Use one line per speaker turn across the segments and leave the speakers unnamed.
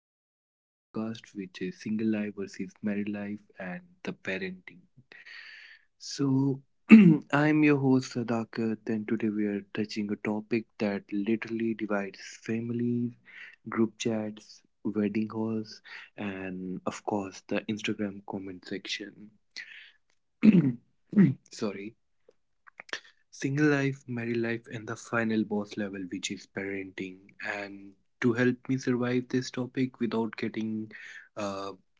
of our podcast which is single life versus married life and the parenting. So I'm your host Sadakat, and today we are touching a topic that literally divides families, group chats, wedding halls, and of course the Instagram comment section. Sorry, single life, married life, and the final boss level, which is parenting. And to help me survive this topic without getting uh,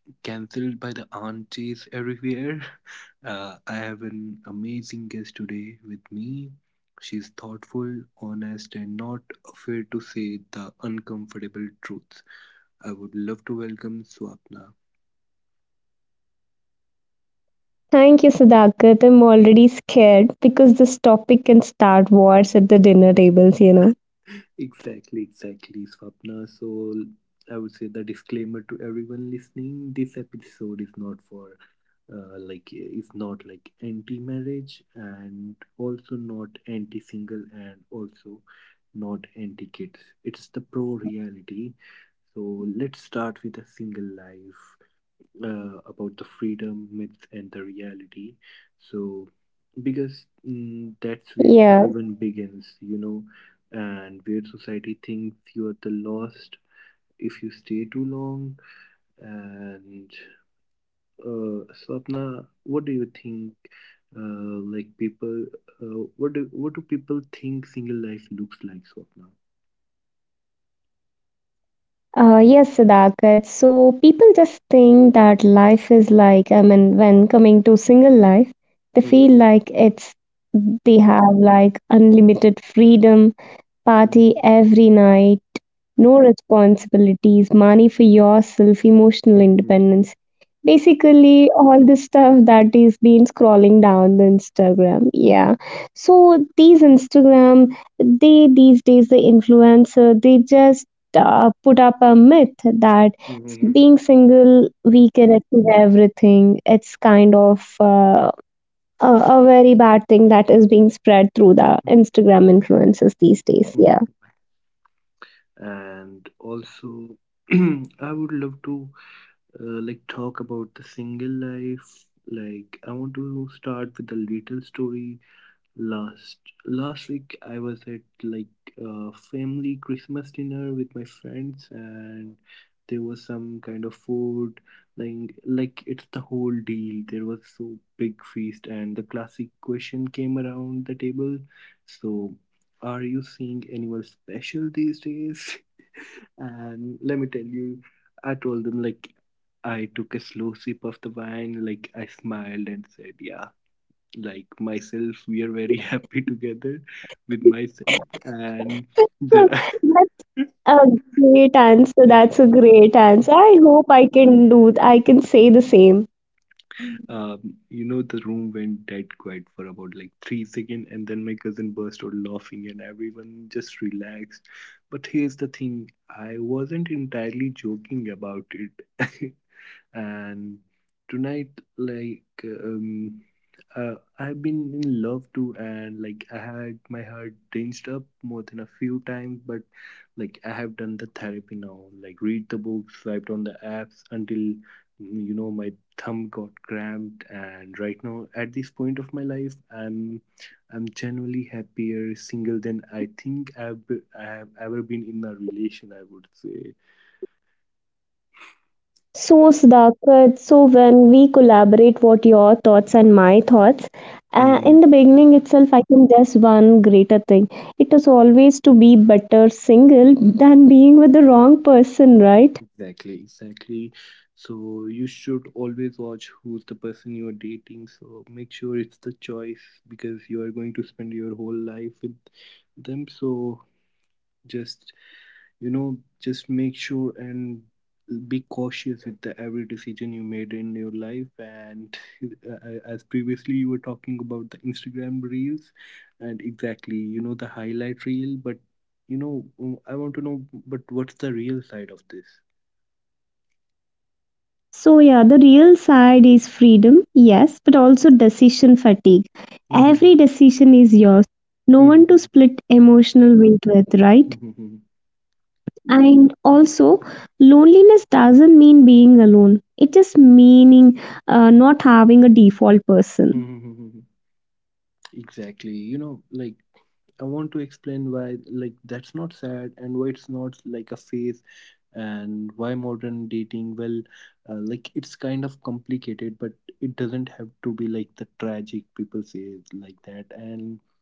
cancelled by the aunties everywhere, I have an amazing guest today with me. She's thoughtful, honest, and not afraid to say the uncomfortable truths. I would love to welcome Swapna.
Thank you, Sudhakat. I'm already scared because this topic can start wars at the dinner tables, you know.
Exactly, exactly, Swapna. So I would say the disclaimer to everyone listening: this episode is not it's not like anti-marriage, and also not anti-single, and also not anti-kids. It's the pro reality. So let's start with the single life, about the freedom myths and the reality, so because that's where
Yeah.
everyone begins, you know, and where society thinks you are the lost if you stay too long. And uh, Swapna, what do you think? Like people, uh, what do people think single life looks like, Swapna?
Yes, Sadakat. So people just think that life is like, I mean, when coming to single life, they feel
Mhm,
like they have like unlimited freedom, party
mhm,
every night, no responsibilities, money for yourself, emotional
mhm,
independence. Basically, all the stuff that is been scrolling down the Instagram. Yeah. So these Instagram, they these days the influencer, they just put up a myth that being
mhm,
single we can achieve everything. It's kind of a very bad thing that is being spread through the
mhm,
Instagram influencers these days. Yeah.
mhm. And also, I would love to talk about the single life. Like, I want to start with a little story. Last last week I was at like a family Christmas dinner with my friends, and there was some kind of food, like it's the whole deal. There was so big feast, and the classic question came around the table. So are you seeing anyone special these days? And let me tell you, I told them, like, I took a slow sip of the wine, like I smiled and said, yeah, like myself, we are very happy together with myself. And
So
the
a great answer. That's a
exactly.
great answer. I hope I can do. I can say the same.
You know, the room went dead quiet for about like 3 seconds, and then my cousin burst out laughing, and everyone just relaxed. But here's the thing, I wasn't entirely joking about it. And tonight, like, I've been in love too, and like I had my heart dinged up more than a few times. But like, I have done the therapy now, like, read the books, swiped on the apps until, you know, my thumb got cramped. And right now at this point of my life, I'm genuinely happier single than I think I've, be- I have ever been in a relation, I would say.
So, Sudhakar, so when we collaborate, what your thoughts and my thoughts, in the
Mm-hmm.
beginning itself, I can just one greater thing. It is always to be better single than being with the wrong person, right?
Exactly, exactly. So you should always watch who's the person you're dating. So make sure it's the choice, because you are going to spend your whole life with them. So just, you know, just make sure and be cautious with the every decision you made in your life. And as previously you were talking about the Instagram reels, and exactly, you know, the highlight reel, but, you know, I want to know, but what's the real side of this?
So, yeah, the real side is freedom, yes, but also decision fatigue. Every decision is yours. No one to
Exactly.
split emotional weight with, right? And also, loneliness doesn't mean being alone, it just meaning not having a default person.
You know, like, I want to explain why, like, that's not sad, and why it's not like a phase, and why modern dating, well, like, it's kind of complicated, but it doesn't have to be like the tragic people say it like that. And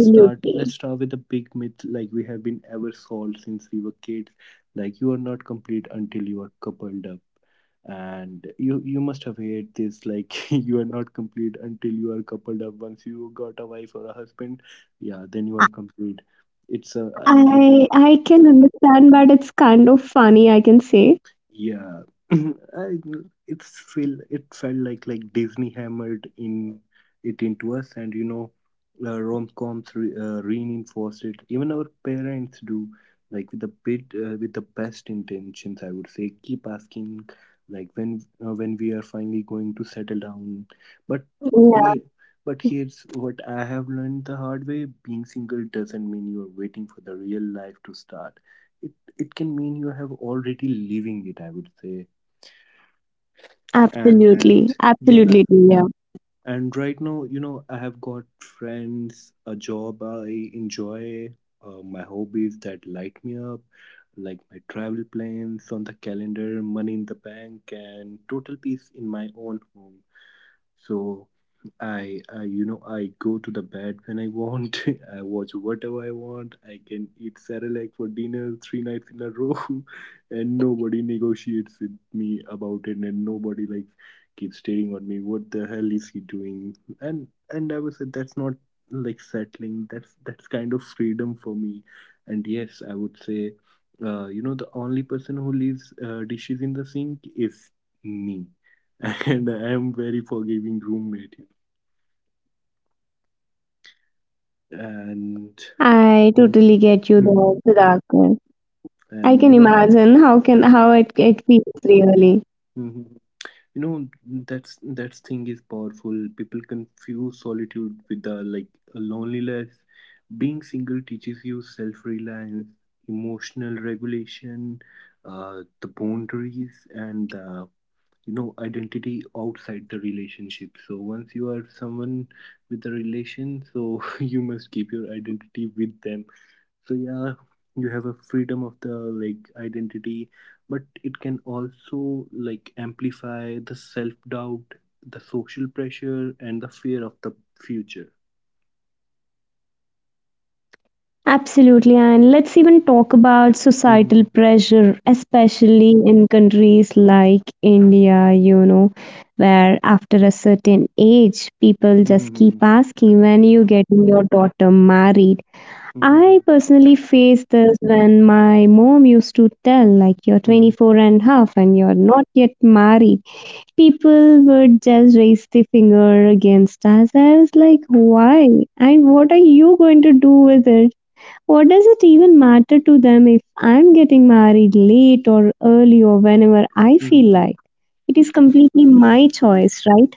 let's start let's start with the big myth, like, we have been ever sold since we were kids. Like, you are not complete until you are coupled up. And you must have heard this, like, you are not complete until you are coupled up. Once you got a wife or a husband, yeah, then you are complete. It's a
I can understand, but it's kind of funny, I can say.
yeah, I, it's feel it felt like Disney hammered in it into us, and you know, rom-coms reinforced it. Even our parents do, like, with the bit with the best intentions, I would say. Keep asking, like, when we are finally going to settle down. But
Yeah,
here, but here's what I have learned the hard way: being single doesn't mean you are waiting for the real life to start. It can mean you have already leaving it, I would say. And
absolutely,
yeah,
absolutely, yeah.
and right now, you know, I have got friends, a job I enjoy, my hobbies that light me up, like my travel plans on the calendar, money in the bank, and total peace in my own home. So I, you know, I go to the bed when I want. I watch whatever I want. I can eat cerelac for dinner three nights in a row, and nobody negotiates with me about it, and nobody like keeps staring at me what the hell is he doing. And I was like, that's not like settling, that's kind of freedom for me. And yes, I would say, you know, the only person who leaves dishes in the sink is me, and I am very forgiving roommate, you know. And
I totally
mm,
get you there,
mhm,
Siddharth. I can
and you know,
imagine how can how it feels really.
mhm, you know, that's thing is powerful. People confuse solitude with the like loneliness. Being single teaches you self-reliance, emotional regulation, the boundaries, and the, you know, identity outside the relationship. So once you are someone with a relation, so you must keep your identity with them. So yeah, you have a freedom of the like identity, but it can also like amplify the self doubt, the social pressure, and the fear of the future.
Absolutely, and let's even talk about
Mhm.
societal pressure, especially in countries like India, you know, where after a certain age, people just keep
Mhm.
asking when you getting your daughter married. I
Mhm.
personally faced this when my mom used to tell, like, you're
Mhm.
24 and half and you're not yet married. People would just raise the finger against us. I was like, why? And what are you going to do with it? What does it even matter to them if I'm getting married late or early or whenever I feel like?
Mhm.
It is completely my choice, right?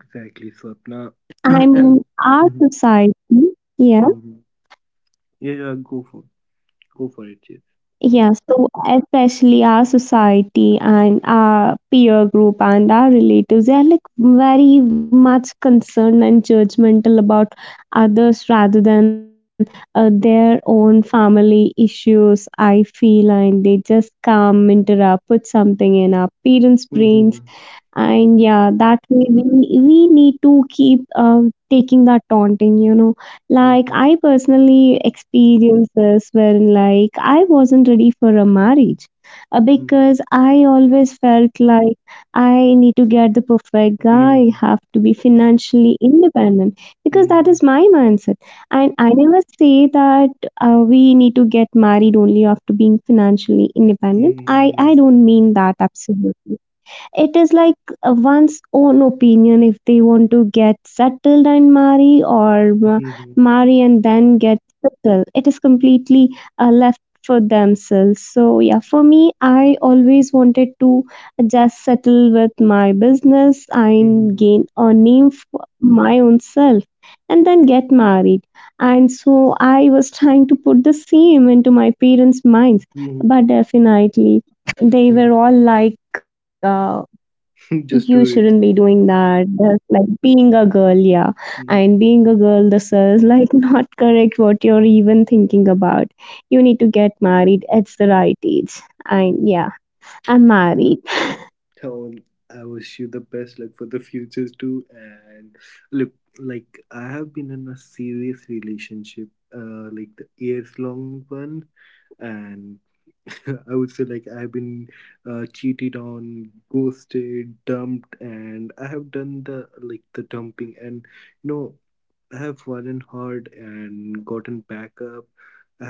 Exactly, Swapna.
I mean,
And
our
mhm,
society, yeah.
mhm, yeah, yeah, go for go for it, yes.
Yeah, so especially our society and our peer group and our relatives, they are like very much concerned and judgmental about others rather than their own family issues. I feel, and they just come, interrupt, put something in our parents' brains,
Mhm.
and yeah, that way we need to keep taking that taunting, you know. Like, I
Mhm.
personally experienced this wherein like I wasn't ready for a marriage
Mhm.
because I always felt like I need to get the perfect guy, have
Mhm.
to be financially independent, because that is
Mhm.
my mindset. And I never say that we need to get married only after being financially independent. I
Mhm.
don't mean that, absolutely. It is like, one's own opinion. If they want to get settled and marry, or
Mhm. Mhm. Mhm.
marry and then get settled, it is completely left for themselves. So yeah, for me, I always wanted to just settle with my business and gain a name for my own self and then get married. And so I was trying to put the same into my parents minds, but definitely they were
Mhm.
all like, you
Just
shouldn't
do
be
it.
doing that, that's like being a girl, yeah. And
Mhm.
being a girl, this is like not correct what you're even thinking about. You need to get married at the right age. And yeah, I'm married.
So I wish you the best luck for the futures too. And look, like, I have been in a serious relationship, like, the years long one, and I would say, like, I've been cheated on, ghosted, dumped, and I have done the like the dumping, and you know, I have fallen hard and gotten back up.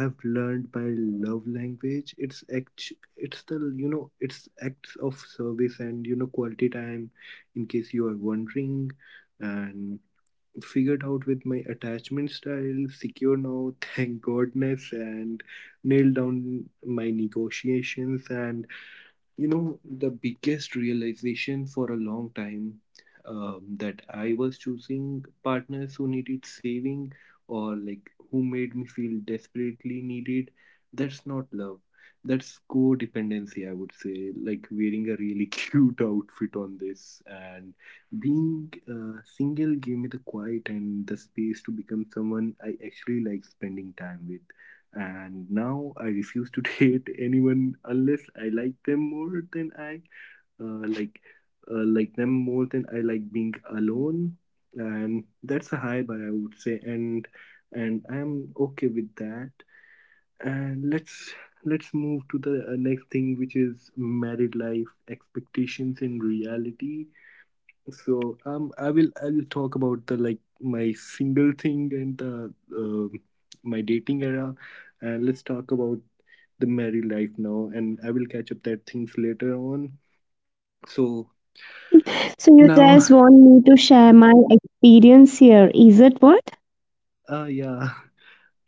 I have learned my love language. It's act, it's the you know, it's acts of service and, you know, quality time, in case you are wondering, and figured out with my attachment style, secure now, thank goodness, and nailed down my negotiations. And you know, the biggest realization for a long time, that I was choosing partners who needed saving, or like who made me feel desperately needed. That's not love. That's codependency, I would say. Like wearing a really cute outfit on this. And being single gave me the quiet and the space to become someone I actually like spending time with. And now I refuse to date anyone unless I like them more than I uh, like like them more than I like being alone. And that's a high bar, I would say, and I'm okay with that. And let's move to the next thing, which is married life expectations and reality. So I'll talk about the like my single thing and the my dating era, and let's talk about the married life now. And I will catch up that things later on. So
So you
now,
just want me to share my experience here, is it, what?
yeah.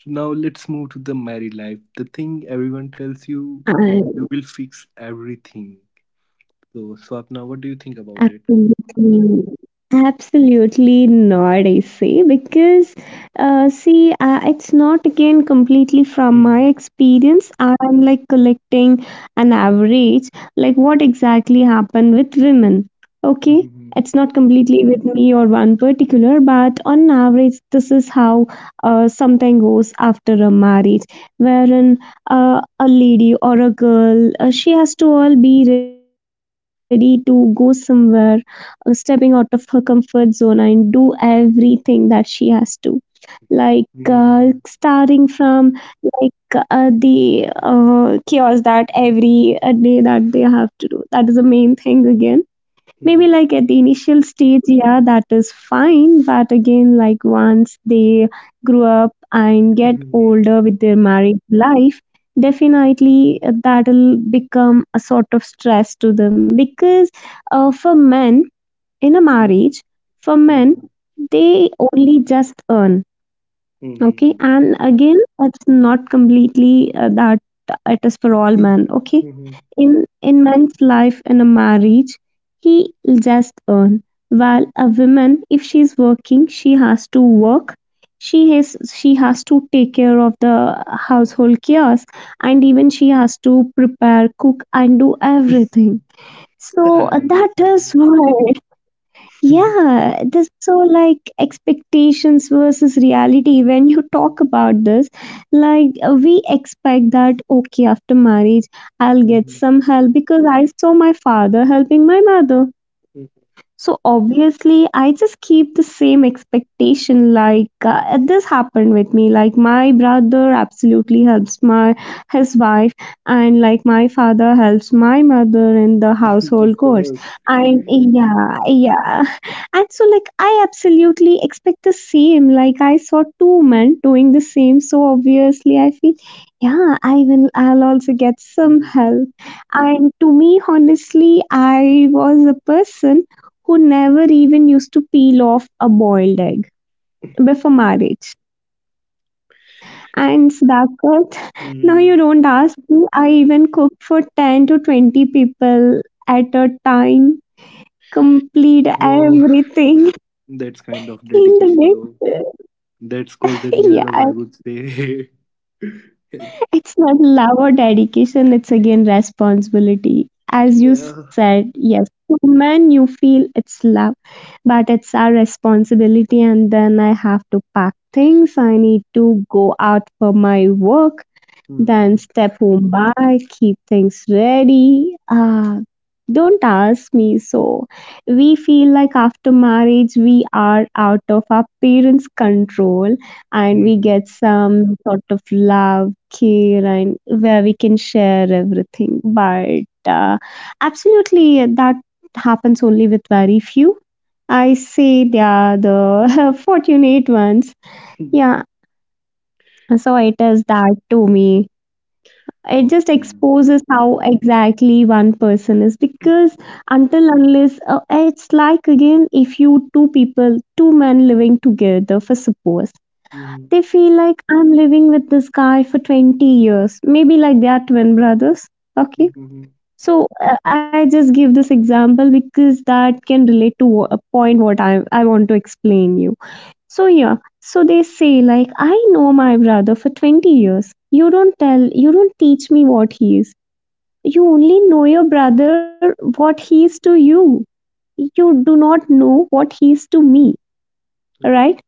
So now let's move to the married life. The thing everyone tells you, you will fix everything. So Swapna, what do you think about it?
Absolutely. Absolutely not, I say, because see, it's not again completely from my
Mhm,
experience. I'm like collecting an average, like what exactly happened with women. Okay,
mhm, mhm,
it's not completely with me or one particular, but on average, this is how something goes after a marriage, wherein a lady or a girl, she has to all be ready to go somewhere, stepping out of her comfort zone and do everything that she has to. Like,
mhm,
starting from, like, the chaos that every day that they have to do, that is the main thing again. Maybe
mhm,
like at the initial stage, yeah, that is fine. But again, like once they grow up and get
mhm,
older with their married life, definitely that'll become a sort of stress to them. Because for men in a
mhm,
marriage, for
mhm,
men,
mhm, mhm,
they only just earn. Okay,
mhm.
and again, it's not completely that it is for all men. Okay,
Mhm.
in man's life in a marriage, he just earn, while a woman, if she's working, she has to work, she has she has to take care of the household chores, and even she has to prepare, cook, and do everything. So
I
that is
understand.
why, yeah, this so like expectations versus reality. When you talk about this, like, we expect that okay, after marriage, I'll get
Mhm.
some help because I saw my father helping my mother. So obviously, I just keep the same expectation. Like this happened with me. Like my brother absolutely helps my his wife, and like my father helps my mother in the household
Of
chores.
course.
And yeah, yeah. And so like I absolutely expect the same. Like I saw two men doing the same. So obviously, I feel yeah, I will. I'll also get some
Mhm.
help. And to me, honestly, I was a person who never even used to peel off a boiled egg before marriage. And Sudhakar, now you
Mhm.
don't ask me. I even cook for 10 to 20 people at a time, complete
Wow.
everything,
That's kind of
clean the
dedication, though.
dish.
That's called the real
Yeah,
love, I would say.
it's not love or dedication, it's again responsibility. As you
Yeah.
said, yes, man, you feel it's love, but it's our responsibility. And then I have to pack things, I need to go out for my work, then
Mhm.
step home by, keep things ready. Ah, don't ask me so. We feel like after marriage we are out of our parents' control and we
Mhm.
get some sort of love, care, and where we can share everything. But absolutely, that happens only with very few. I say they are the fortunate ones. Yeah, so it is that to me it just
Awesome.
exposes how exactly one person is. Because until unless it's like again, if you two people, two men living together for suppose,
Mhm.
they feel like I'm living with this guy for 20 years, maybe like they are twin brothers, okay.
Mhm.
So I just give this example because that can relate to a point what I want to explain you. So yeah, so they say like I know my brother for 20 years. You don't tell, you don't teach me what he is. You only know your brother what he is to you. You do not know what he is to me,
God.
right?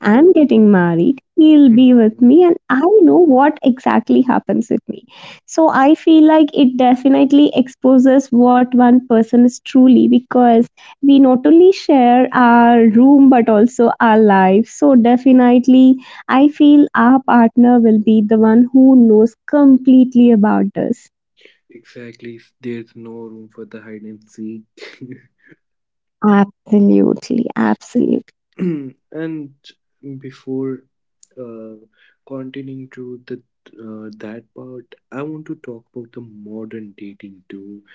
I'm
God.
getting married, he'll be with
Mhm.
me, and I know what exactly happens with me. So I feel like it definitely exposes what one person is truly, because we not only share our room but also our life. So definitely, I feel our partner will be the one who knows completely about us.
Exactly. There's no room for the hide and seek.
Absolutely, absolutely.
And before uh, continuing to the that part, I want to talk about the modern dating too,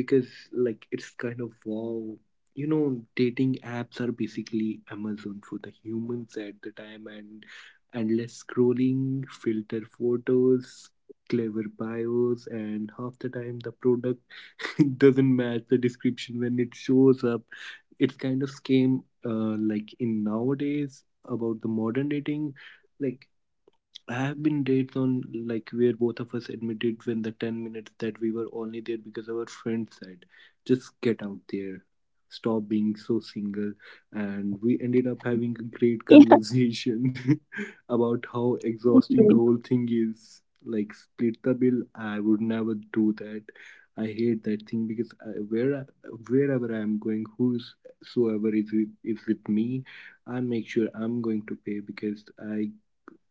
because like it's kind of wow. You know, dating apps are basically Amazon for the humans at the time, and endless scrolling, filter photos, clever bios, and half the time the product doesn't match the description when it shows up. It's kind of scam, like, in nowadays about the modern dating. Like, I have been dates on, like, where both of us admitted when the 10 minutes that we were only there because our friend said, just get out there, stop being so single. And we ended up having a great conversation about how exhausting the whole thing is. Like, split the bill, I would never do that. I hate that thing because wherever I am going, whosoever is with me, I make sure I'm going to pay because I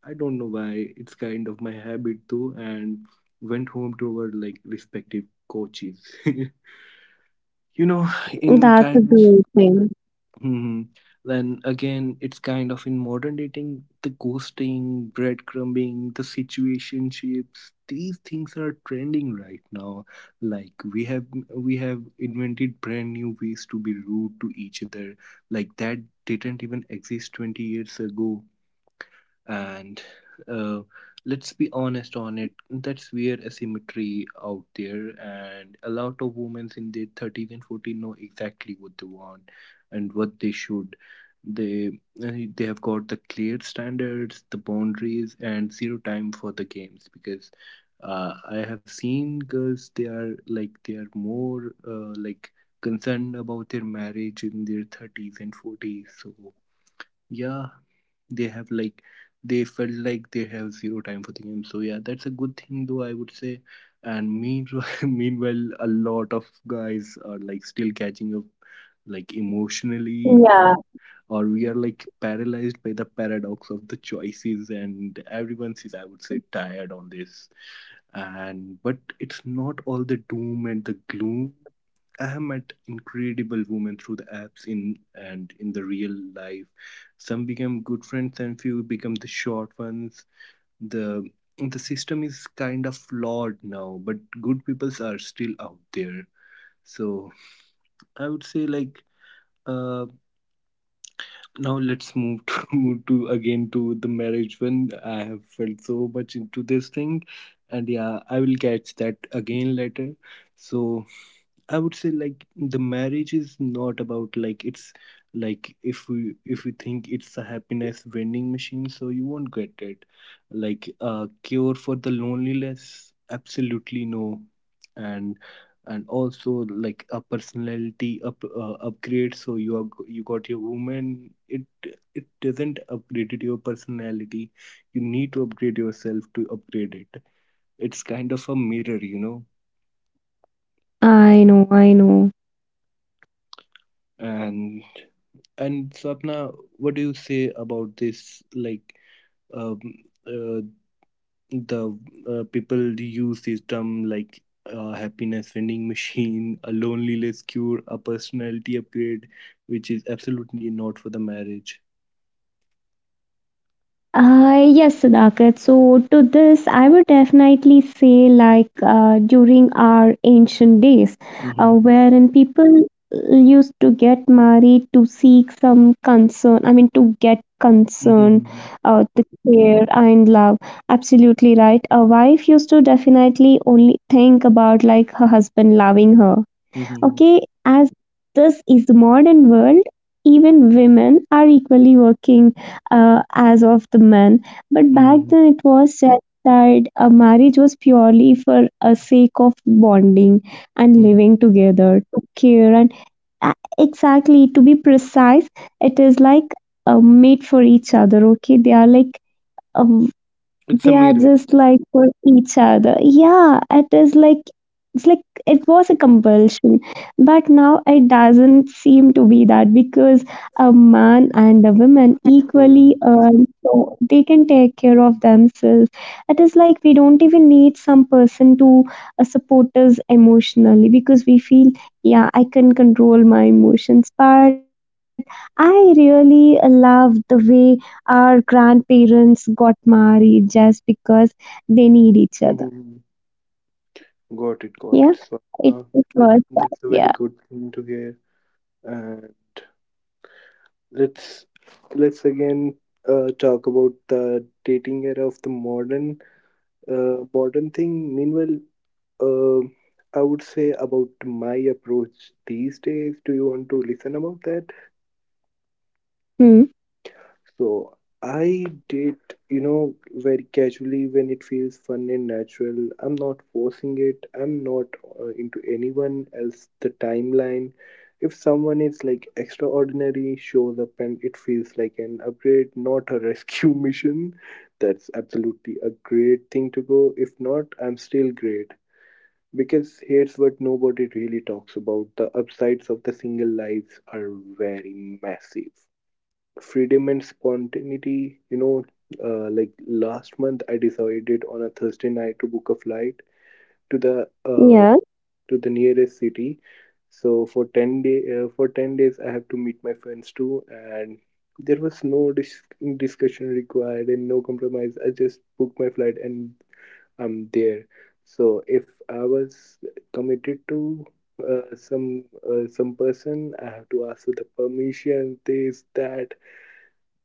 I don't know why. It's kind of my habit though, and went home to our like respective coaches. you know, in
That's a
kind of
great thing.
hmm, Then again, it's kind of in modern dating, the ghosting, breadcrumbing, the situationships. These things are trending right now. Like we have invented brand new ways to be rude to each other. Like that didn't even exist 20 years ago and uh, let's be honest on it, that's where asymmetry out there, and a lot of women in their 30s and 40s know exactly what they want and what they they have got the clear standards, the boundaries, and zero time for the games because I have seen girls, they are like they are more like concerned about their marriage in their 30s and 40s. So yeah, they have like they felt like they have zero time for the game. So yeah, that's a good thing though, I would say. And meanwhile meanwhile a lot of guys are like still catching up, like emotionally, or we are like paralyzed by the paradox of the choices, and everyone is, I would say, tired on this. And but it's not all the doom and the gloom. I have met incredible women through the apps in and in the real life. Some become good friends and few become the short ones. The the system is kind of flawed now, but good peoples are still out there. So I would say like uh now let's move to the marriage one. I have felt so much into this thing, and yeah, I will catch that again later. So I would say like the marriage is not about like it's like if we think it's a happiness vending machine, so you won't get it. Like a cure for the loneliness, absolutely no. And and also like a personality up upgrade. So you are you got your woman. It doesn't upgrade your personality. You need to upgrade yourself to upgrade it. It's kind of a mirror, you know.
I know, I know.
and And Swapna, what do you say about this? Like, um, uh, the people use this term like happiness vending machine, a loneliness cure, a personality upgrade, which is absolutely not for the marriage.
Yes, Sudhakar. So, to this, I would definitely say, like, during our ancient days,
Mhm.
wherein people used to get married to seek some concern, I mean, to get concern,
Mhm.
the care and love. Absolutely right. A wife used to definitely only think about, like, her husband loving her.
Mhm.
Okay, as this is the modern world, even women are equally working as of the men. But back
Mhm.
then, it was said that a marriage was purely for a sake of bonding and
Mhm.
living together, to care and exactly to be precise, it is like made for each other. Okay, they are like. Uh,
It's a
they are
mirror.
just like for each other, yeah. It is like, it's like it was a compulsion, but now it doesn't seem to be that, because a man and a woman equally
Mhm.
earn, so they can take care of themselves. It is like we don't even need some person to support us emotionally, because we feel yeah, I can control my emotions. But I really love the way our grandparents got married just because they need each other.
Mhm. Got it, got
Yeah,
it,
it,
Swapna.
it
That,
was that.
that's a very
Yeah.
good thing to hear. And let's let's again talk about the dating era of the modern modern thing. Meanwhile, uh, I would say about my approach these days. Do you want to listen about that?
Hmm.
So I did, you know, very casually when it feels fun and natural. I'm not forcing it. I'm not into anyone else. The timeline. If someone is like extraordinary, shows up and it feels like an upgrade, not a rescue mission, that's absolutely a great thing to go. If not, I'm still great. Because here's what nobody really talks about: the upsides of the single lives are very massive. Freedom and spontaneity, you know, like last month I decided on a Thursday night to book a flight to the uh,
Yeah.
to the nearest city. So for 10 day for 10 days I have to meet my friends too, and there was no discussion required and no compromise. I just booked my flight and I'm there. So if I was committed to uh, some some person, I have to ask for the permission, this, that.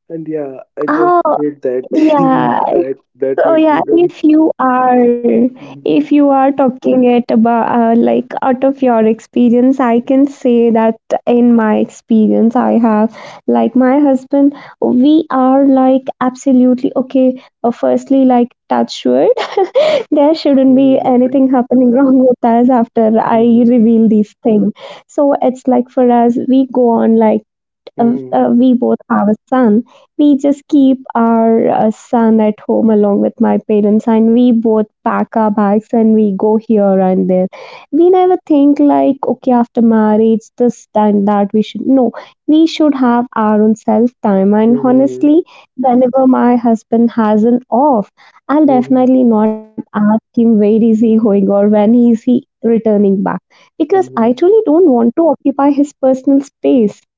And yeah, I just
Oh,
hate that thing
yeah.
that my
So yeah,
freedom.
if you are, if you are talking it about like out of your experience, I can say that in my experience, I have, like my husband, we are like absolutely okay. Firstly, like touch wood, there shouldn't be anything happening wrong with us after I reveal these things. So it's like for us, we go on like we both have a son. We just keep our son at home along with my parents, and we both pack our bags and we go here and there. We never think like, okay, after marriage, this and that, we should. No, we should have our own self time. And honestly, whenever my husband has an off, I'll definitely not ask him where is he going or when is he returning back because I truly don't want to occupy his personal space.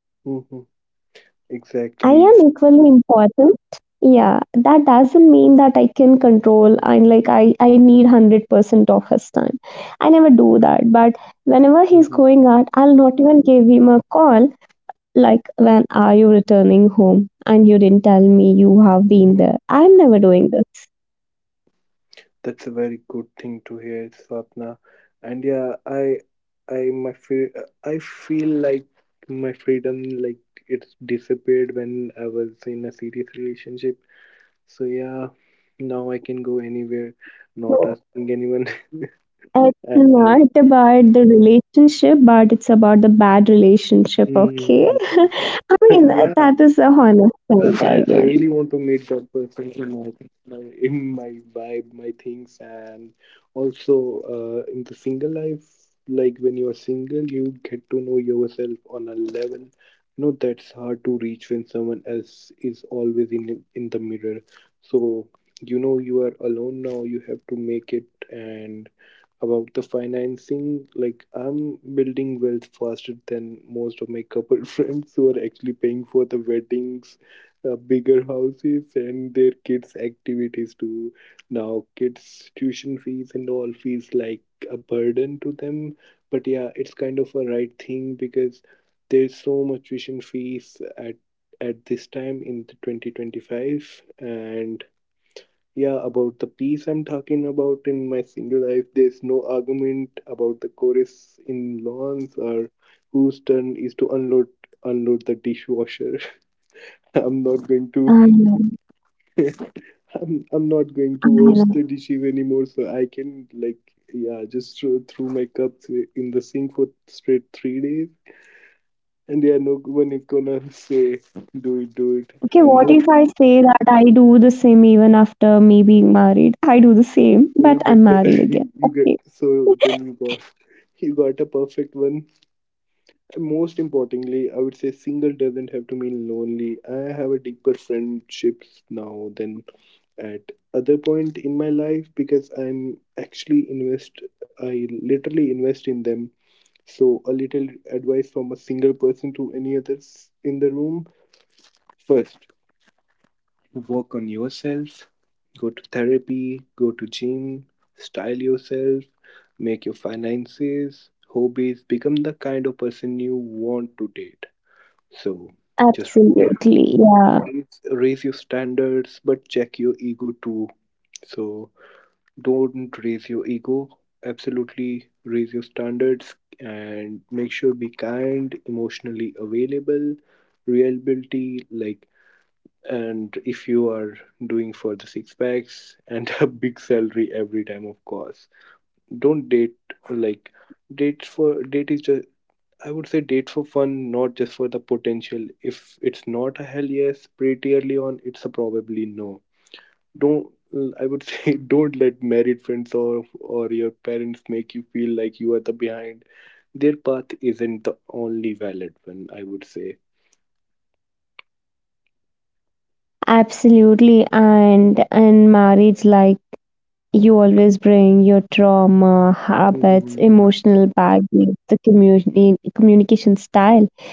I
Exactly.
am equally important. Yeah, that doesn't mean that I can control and like I need 100% of his time. I never do that. But whenever he's going out, I'll not even give him a call like, when are you returning home? And you didn't tell me you have been there. I'm never doing this.
That's a very good thing to hear, Swapna. And yeah, I my feel, I feel like my freedom like it's disappeared when I was in a serious relationship. So yeah, now I can go anywhere, not
So
asking anyone.
it's
And,
not about the relationship, but it's about the bad relationship, okay?
mhm,
I mean,
yeah,
that is a honest
I, I
side
I
again.
really want to meet that person in my, my in my vibe, my things, and also in the single life, like when you are single, you get to know yourself on a level. You know that's hard to reach when someone else is always in the mirror. So you know you are alone now. You have to make it. And about the financing, like I'm building wealth faster than most of my couple friends who are actually paying for the weddings, bigger houses, and their kids' activities too. Now, kids' tuition fees and all fees like a burden to them, but yeah, it's kind of a right thing because there's so much tuition fees at this time in the 2025. And yeah, about the piece I'm talking about in my single life, there's no argument about the chorus in lawns or whose turn is to unload the dishwasher. I'm not going to
Um,
I'm not going to wash
I
the dishes anymore, so I can like yeah, just throw my cups in the sink for straight 3 days, and yeah, no, no one is gonna say do it, do it.
Okay,
And
what
no, so
if I say that I do the same even after me being married? I do the same,
you
but
get
I'm
the
married again.
you get,
Okay.
so then you got a perfect one. And most importantly, I would say single doesn't have to mean lonely. I have a deeper friendships now than at other point in my life because I literally invest in them. So, a little advice from a single person to any others in the room. First, work on yourself, go to therapy, go to gym, style yourself, make your finances, hobbies, become the kind of person you want to date. So, just
Absolutely. Yeah,
raise your standards, but check your ego too. So, don't raise your ego, absolutely raise your standards, and make sure be kind, emotionally available, reliability, like. And if you are doing for the six packs and a big salary every time, of course don't date. Like date for date is just, I would say date for fun, not just for the potential. If it's not a hell yes pretty early on, it's a probably no. Don't, I would say don't let married friends or your parents make you feel like you are the behind. Their path isn't the only valid one, I would say.
absolutely. And in marriage, like you always bring your trauma, habits,
Mhm.
emotional baggage, the communication style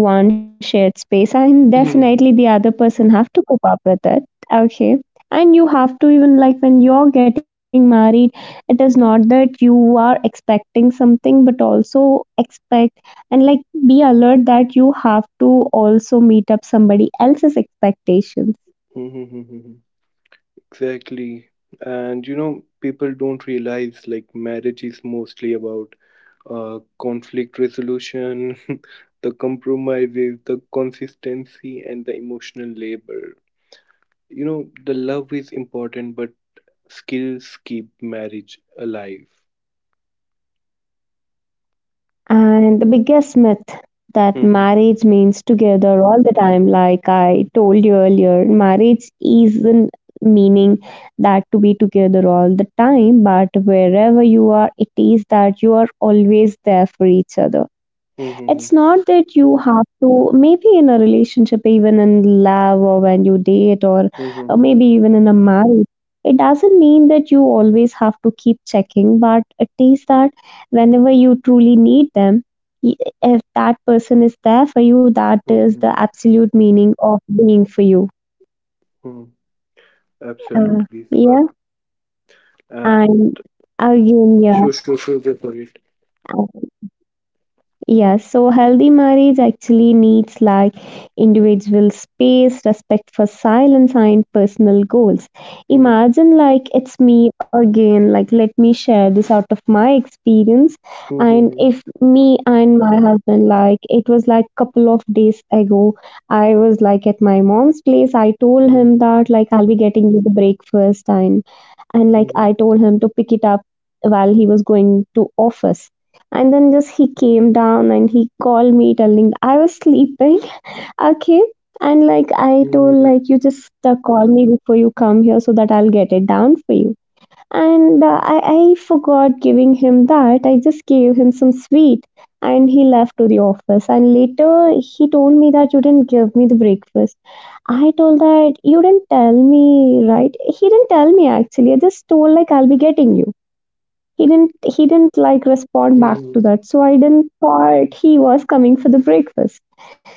into one shared space, and
Mhm.
definitely the other person have to cope up with it. Okay. And you have to even like when you're getting married, it is not that you are expecting something but also expect, and like, be alert that you have to also meet up somebody else's expectations.
Mhm. Exactly. And you know, people don't realize like marriage is mostly about conflict resolution, the compromises, the consistency, and the emotional labor, you know. The love is important, but skills keep marriage alive.
And the biggest myth that
Mm-hmm.
marriage means together all the time, like I told you earlier, marriage isn't meaning that to be together all the time, but wherever you are, it is that you are always there for each other.
Mm-hmm.
It's not that you have to, maybe in a relationship, even in love or when you date or
Mm-hmm.
maybe even in a marriage, it doesn't mean that you always have to keep checking, but it is that whenever you truly need them, y- if that person is there for you, that is
Mm-hmm.
the absolute meaning of being for you.
Hmm.
Uh,
Absolutely,
yeah,
Swap. And
and again, yeah.
sure, sure, sure, go for it.
Yeah, so healthy marriage actually needs like individual space, respect for silence, and personal goals.
Mm-hmm.
Imagine like it's me again, like let me share this out of my experience. And
Mm-hmm.
if me and my husband, like it was like couple of days ago, I was like at my mom's place. I told
Mm-hmm.
him that like I'll be getting you the breakfast, and like I told him to pick it up while he was going to office. And then just he came down and he called me telling I was sleeping. Okay. And like I told
Mm-hmm.
like, you just call me before you come here so that I'll get it down for you. And I forgot giving him that. I just gave him some sweet and he left to the office, and later he told me that you didn't give me the breakfast. I told that you didn't tell me, right? He didn't tell me, actually. I just told like I'll be getting you. He didn't like respond back
Mm-hmm.
to that, so I didn't thought he was coming for the breakfast.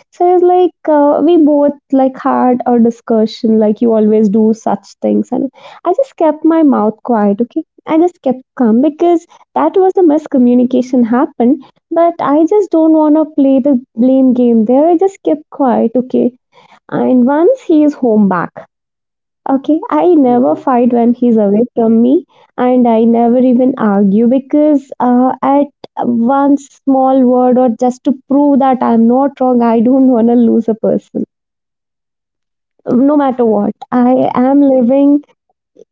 So I was like, we both like had our discussion like, you always do such things. And I just kept my mouth quiet. Okay. I just kept calm because that was a miscommunication happened, but I just don't want to play the blame game there. I just kept quiet. Okay. And once he is home back. Okay, I never
Mm-hmm.
fight when he's away from me, and I never even argue because at one small word or just to prove that I'm not wrong, I don't want to lose a person. No matter what, I am living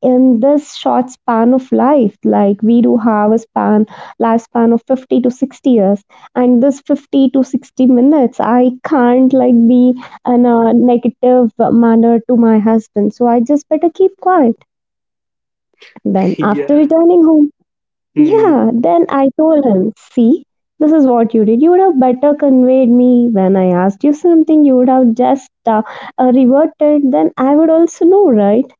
in this short span of life. Like we do have a span, lifespan of 50 to 60 years, and this 50 to 60 minutes, I can't like
Mm-hmm.
be in a negative manner to my husband. So I just better keep quiet. Then, after
Yeah.
returning home, yeah,
Mm.
then I told him, "See, this is what you did. You would have better conveyed me when I asked you something. You would have just reverted. Then I would also know, right?"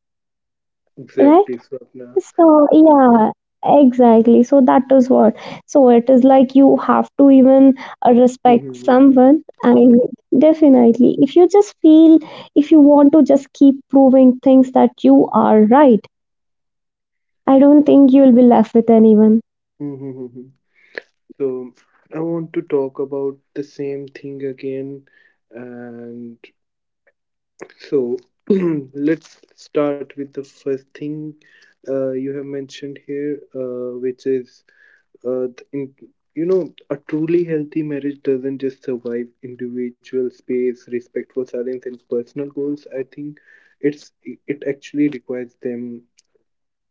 Right?
Exactly, Swapna.
So, yeah, exactly. So, that is what. So, it is like you have to even respect
Mm-hmm.
someone. And definitely, if you just feel, if you want to just keep proving things that you are right, I don't think you will be left with anyone.
Mm-hmm. So I want to talk about the same thing again, and so let's start with the first thing you have mentioned here, which is uh, the in, you know, a truly healthy marriage doesn't just survive individual space, respect for silence, and personal goals. I think it actually requires them.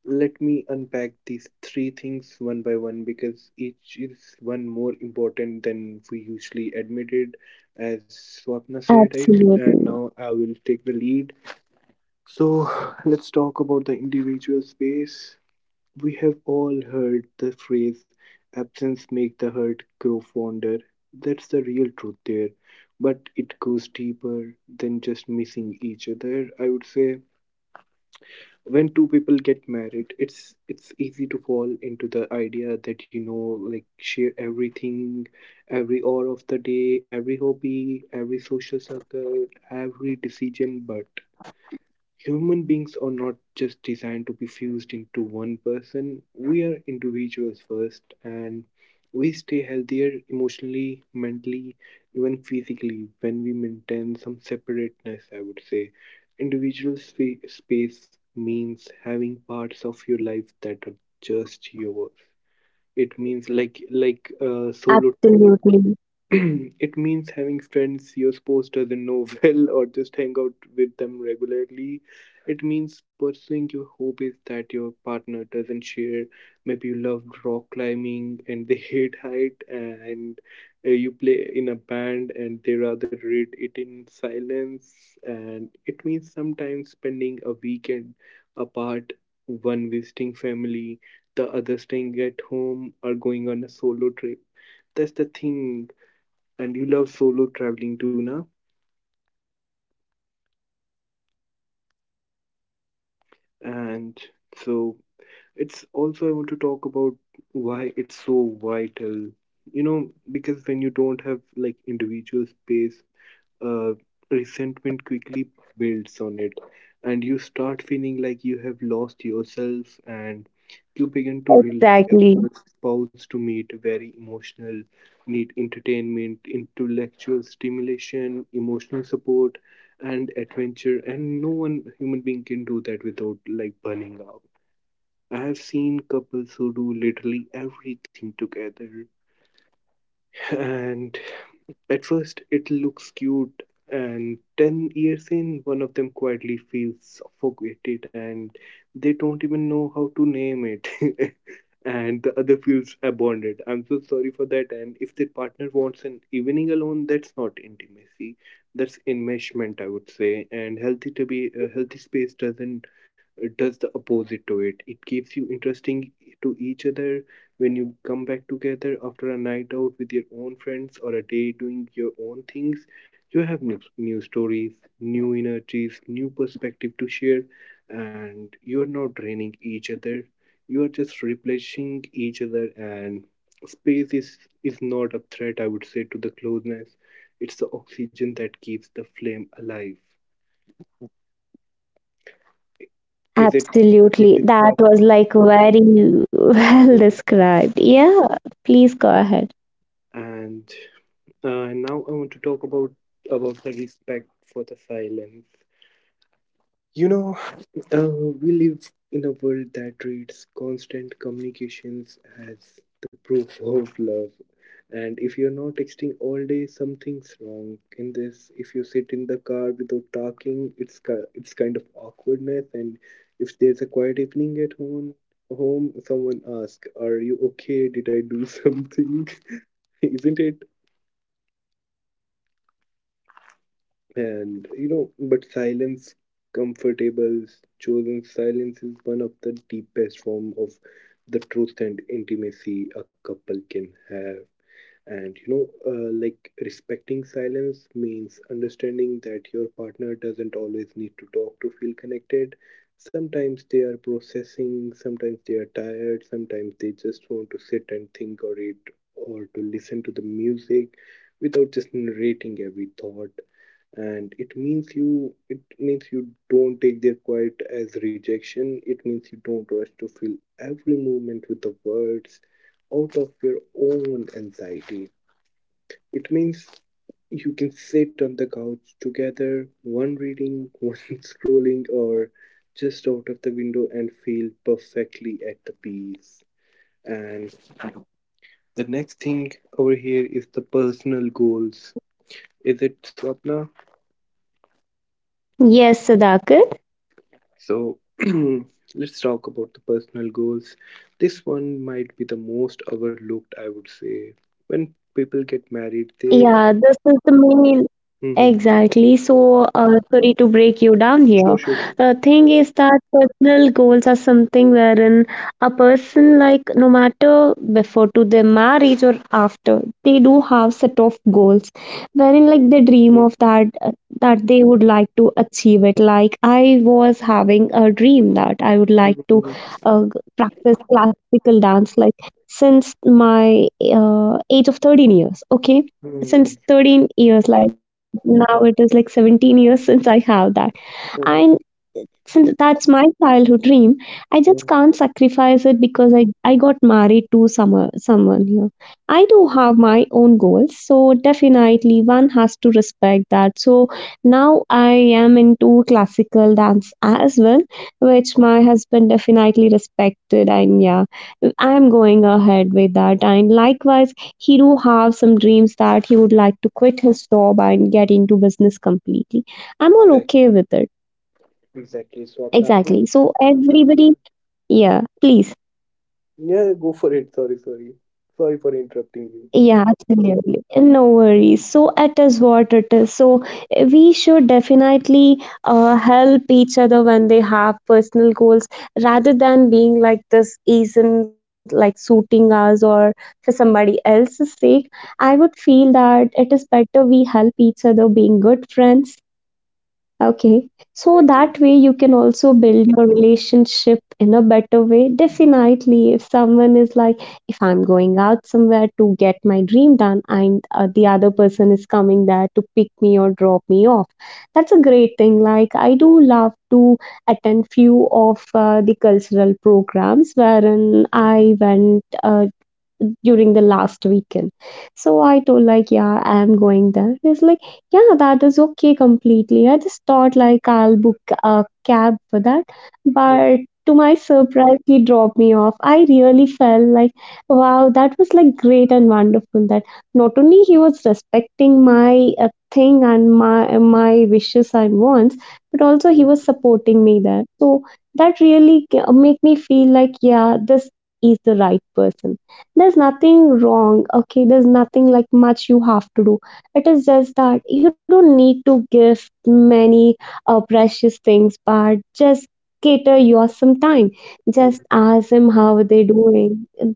Let me unpack these three things one by one, because each is one more important than we usually admitted, as Swapna said it. And
Absolutely.
now I will take the lead, so let's talk about the individual space. We have all heard the phrase absence make the hurt grow fonder. That's the real truth there. But it goes deeper than just missing each other. I would say when two people get married, it's easy to fall into the idea that you know like share everything, every hour of the day, every hobby, every social circle, every decision, but human beings are not just designed to be fused into one person. We are individuals first, and we stay healthier emotionally, mentally, even physically when we maintain some separateness, I would say. Individual space means having parts of your life that are just yours. It means like solo traveling.
Absolutely.
It means having friends your spouse doesn't know well or just hang out with them regularly. It means pursuing your hobbies that your partner doesn't share. Maybe you love rock climbing and they hate height, and you play in a band and they rather read it in silence. And it means sometimes spending a weekend apart, one visiting family, the other staying at home, or going on a solo trip. That's the thing. And you love solo traveling too now. And so it's also I want to talk about why it's so vital. You know, because when you don't have like individual space, uh, resentment quickly builds on it, and you start feeling like you have lost yourself, and you begin to rely on
Exactly.
your spouse to meet very emotional need, entertainment, intellectual stimulation, emotional support, and adventure. And no one human being can do that without like burning out. I have seen couples who do literally everything together, and at first, it looks cute, and 10 years in, one of them quietly feels suffocated and they don't even know how to name it. And the other feels abandoned. I'm so sorry for that. And if their partner wants an evening alone, that's not intimacy, that's enmeshment, I would say. And healthy to be a healthy space doesn't does the opposite to it. It keeps you interesting to each other when you come back together after a night out with your own friends or a day doing your own things, you have new stories, new energies, new perspective to share, and you are not draining each other. You are just replenishing each other, and space is not a threat, I would say, to the closeness. It's the oxygen that keeps the flame alive. Is it? Is
Absolutely.
it
That
proper?
was like very well
Mhm.
described. Yeah. Please go ahead.
And now I want to talk about the respect for the silence. You know, we live in a world that treats constant communications as the proof of love. And if you're not texting all day, something's wrong. In this, if you sit in the car without talking, it's kind of awkwardness. And if there's a quiet evening at home, someone asks, "Are you okay? Did I do something?" Isn't it? But silence, comfortable, chosen silence is one of the deepest form of the truth and intimacy a couple can have. And you know, like Respecting silence means understanding that your partner doesn't always need to talk to feel connected. Sometimes they are processing, sometimes they are tired, sometimes they just want to sit and think or read or to listen to the music without just narrating every thought. And it means you don't take their quiet as rejection. It means you don't rush to fill every moment with the words out of your own anxiety. It means you can sit on the couch together, one reading, one scrolling or just out of the window, and feel perfectly at the peace. And the next thing over here is the personal goals. Is it, Swapna?
Yes, Sudhakar.
So let's talk about the personal goals. This one might be the most overlooked, I would say. When people get married,
Yeah,
they.
this is the main.
Mhm.
Exactly. So, sorry to break you down here.
Sure, sure, sure.
The thing is that personal goals are something wherein a person, like no matter before to their marriage or after, they do have set of goals, wherein like they dream
Mhm,
of that that they would like to achieve it. Like I was having a dream that I would like to
mhm,
practice classical dance, like since my age of 13 years. Okay,
mhm,
since 13 years, like now it is like 17 years since I have that. And
mhm,
since that's my childhood dream, I
mhm.
just can't sacrifice it because I got married to someone here. I do have my own goals, so definitely one has to respect that. So now I am into classical dance as well, which my husband definitely respected. And yeah, I am going ahead with that. And likewise, he do have some dreams that he would like to quit his job and get into business completely. I'm all
Exactly,
okay with it.
exactly. So, Apna,
Exactly. So everybody, yeah, please.
yeah, go for it. Sorry, sorry. Sorry for interrupting you.
Yeah, absolutely. No worries. So it is what it is. So we should definitely help each other when they have personal goals rather than being like this isn't like suiting us or for somebody else's sake. I would feel that it is better we help each other being good friends. Okay. So
Exactly.
that way you can also build your relationship in a better way. Definitely, if someone is like, if I'm going out somewhere to get my dream done and the other person is coming there to pick me or drop me off, that's a great thing. Like, I do love to attend few of the cultural programs wherein I went during the last weekend. So I told like, yeah, I'm going there. He's like, yeah, that is okay completely. I just thought like I'll book a cab for that.
Mhm,
But to my surprise, he dropped me off. I really felt like, wow, that was like great and wonderful that not only he was respecting my thing and my wishes and wants, but also he
mhm,
was supporting me there. So that really make me feel like, yeah, this is the right person. There's nothing wrong. Okay. There's nothing like much you have to do. It is just that you don't need to give many precious things, but just cater your some time, just
mhm,
ask him how are they doing.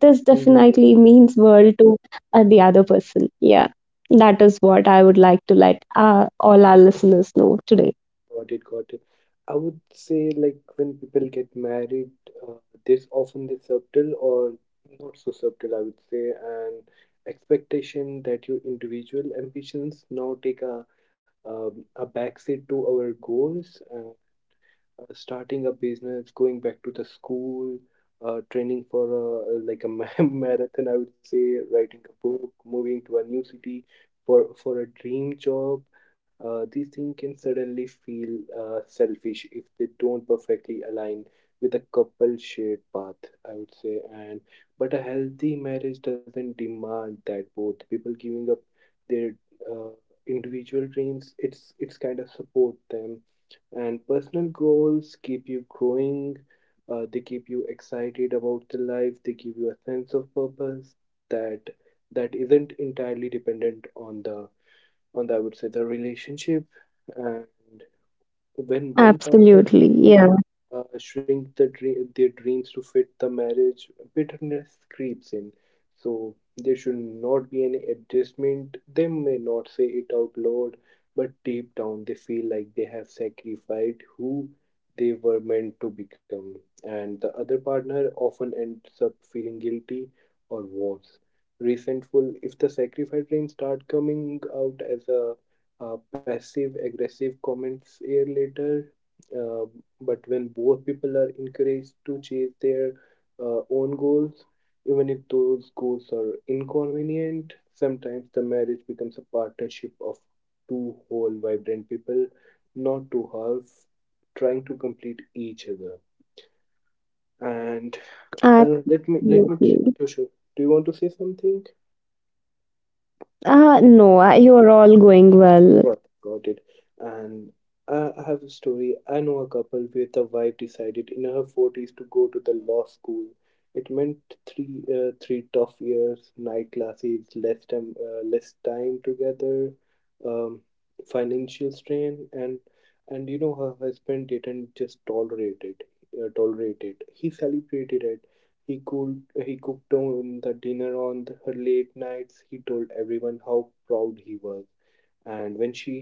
This
mhm.
definitely means world to the other person. Yeah, that is what I would like to let all our listeners know today.
Got it, got it. I would say, like, when people get married, uh, there's often this subtle or not so subtle, I would say, and expectation that your individual ambitions now take a backseat to our goals. Starting a business, going back to the school, training for a, like a marathon, I would say, writing a book, moving to a new city for a dream job. These things can suddenly feel selfish if they don't perfectly align with a couple shared path, I would say. And but a healthy marriage doesn't demand that both people giving up their uh, individual dreams. It's kind of support them, and personal goals keep you growing. They keep you excited about the life, they give you a sense of purpose that isn't entirely dependent on the I would say the relationship. And when one partner has
Absolutely. Yeah,
to shrink their dreams to fit the marriage, bitterness creeps in. So there should not be any adjustment. They may not say it out loud, but deep down they feel like they have sacrificed who they were meant to become. And the other partner often ends up feeling guilty or worse, resentful if the sacrifice dreams start coming out as a passive aggressive comments year later. Uh, but when both people are encouraged to chase their own goals, even if those goals are inconvenient, sometimes the marriage becomes a partnership of two whole vibrant people, not two halves trying to complete each other. And let me let me.
absolutely.
Sure, sure. Do you want to say something?
No, you are all going well.
Got it. And I have a story. I know a couple where the wife decided in her forties to go to the law school. It meant three tough years, night classes, less time together, um, financial strain, and you know, her husband didn't just tolerate it. He celebrated it. He cooked on the dinner on the, her late nights. He told everyone how proud he was, and when she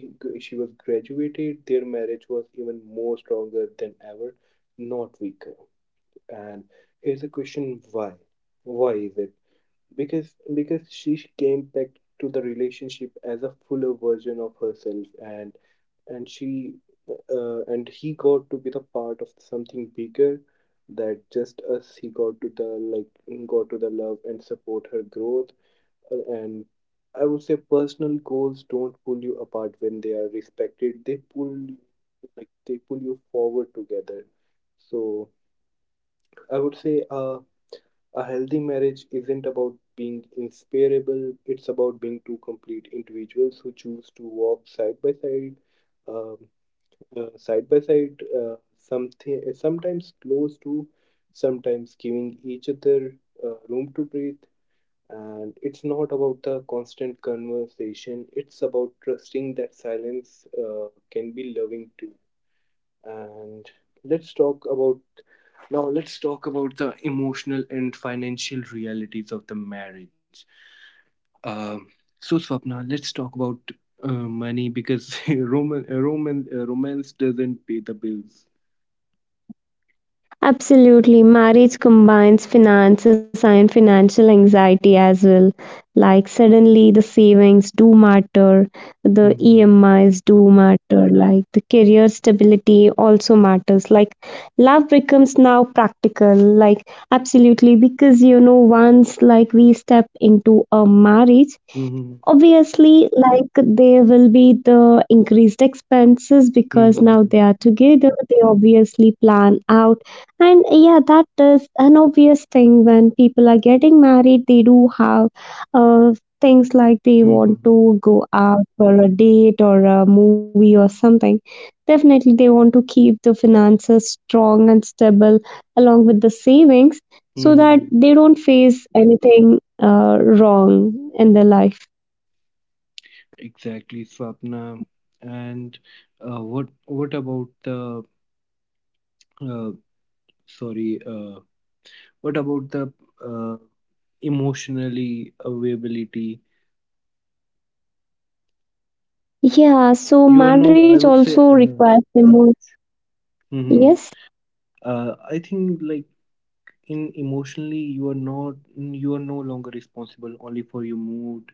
she was graduated, their marriage was even more stronger than ever, not weaker. And here's a question: why? Why is it? Because she came back to the relationship as a fuller version of herself. And she and he got to be the part of something bigger that just us. He got to the, like, got to the love and support her growth. And I would say personal goals don't pull you apart when they are respected. They pull you forward together. So I would say, a healthy marriage isn't about being inseparable. It's about being two complete individuals who choose to walk side by side, um, Something, sometimes close to, sometimes giving each other room to breathe. And it's not about the constant conversation, it's about trusting that silence can be loving too. And let's talk about, now let's talk about the emotional and financial realities of the marriage. Um, so Swapna, let's talk about money because romance doesn't pay the bills.
Absolutely. Marriage combines finances and financial anxiety as well. Like suddenly the savings do matter, the
Mm-hmm.
EMIs do matter, like the career stability also matters. Like love becomes now practical, like absolutely, because you know once like we step into a marriage,
Mm-hmm.
obviously, like there will be the increased expenses because now
Mm-hmm.
they are together, they obviously plan out. And yeah, that is an obvious thing when people are getting married, they do have uh, things like they
Mm-hmm.
want
Mm-hmm.
to go out for a date or a movie or something. Definitely, they want to keep the finances strong and stable along with the savings so that
Mm-hmm.
they don't face anything wrong in their life.
Exactly, Swapna. And what about the uh, sorry, uh, what about the uh, emotionally availability?
Yeah,
You
so
are no, I
marriage
would say,
also requires emo.
mhm.
Yes?
I think, like, in emotionally, you are no longer responsible only for your mood,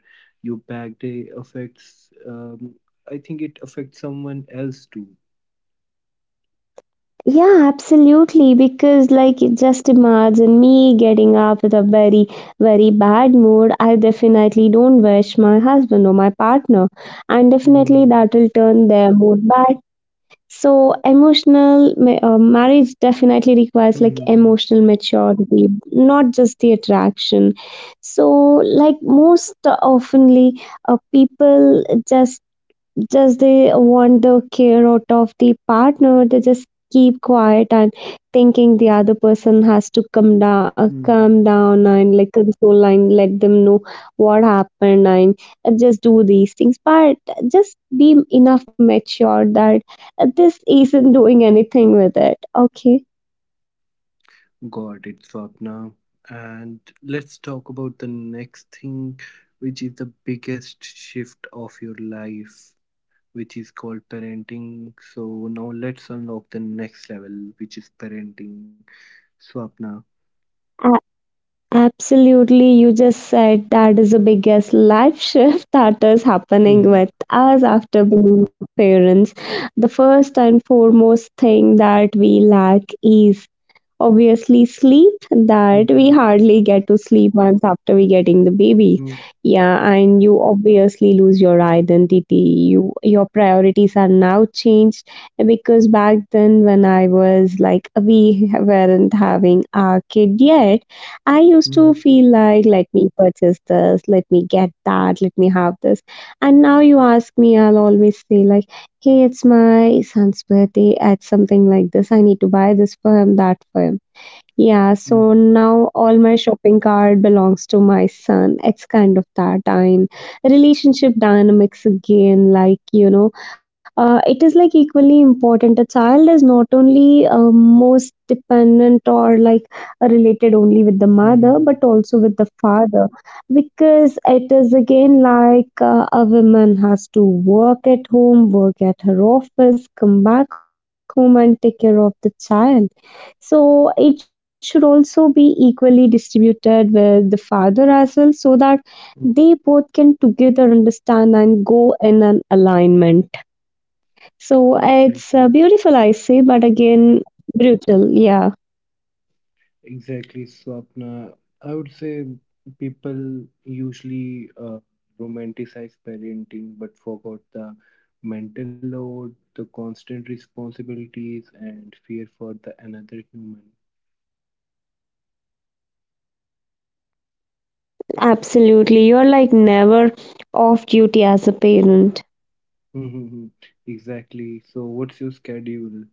your bad day affects. I think it affects someone else too.
Yeah, absolutely. Because, like, just imagine me getting up with a very, very bad mood. I definitely don't wish my husband or my partner, and definitely
Hmm.
that will turn their mood bad. So, marriage definitely requires like
Hmm.
emotional maturity, not just the attraction. So, like, most oftenly, people just they want the care out of the partner. They just keep quiet and thinking the other person has to come down,
Hmm.
calm down, and like console, and let them know what happened, and just do these things. But just be enough mature that this isn't doing anything with it. Okay.
Got it, Swapna. And let's talk about the next thing, which is the biggest shift of your life, which is called parenting. So now let's unlock the next level, which is parenting. Swapna.
Absolutely, you just said that is the biggest life shift that is happening
Mhm.
with us after being parents. The first and foremost thing that we lack is obviously sleep, that we
Mhm.
hardly get to sleep once after we getting the baby.
Mhm.
Yeah, and you obviously lose your identity. Your priorities are now changed because back then when I was we weren't having our kid yet, I used to
Mhm.
feel like let me purchase this, let me get that, let me have this. And now you ask me, I'll always say like hey, it's my son's birthday at something like this. I need to buy this for him, that for him. Yeah, so
Mhm.
now all my shopping cart belongs to my son. It's kind of that and relationship dynamics again. It is like equally important. A child is not only most dependent or like related only with the mother,
Mhm.
but also with the father, because it is again like a woman has to work at home, work at her office, come back home, and take care of the child, so it should also be equally distributed with the father as well so that they both can
Mhm.
together understand and go in an alignment. So it's beautiful, I say,
Exactly.
but again, brutal. Yeah,
Exactly, Swapna. I would say people usually romanticize parenting but forgot the mental load, the constant responsibilities, and fear for the another human.
absolutely. You're like never off duty as a parent.
Hmm. Exactly. So, what's your schedule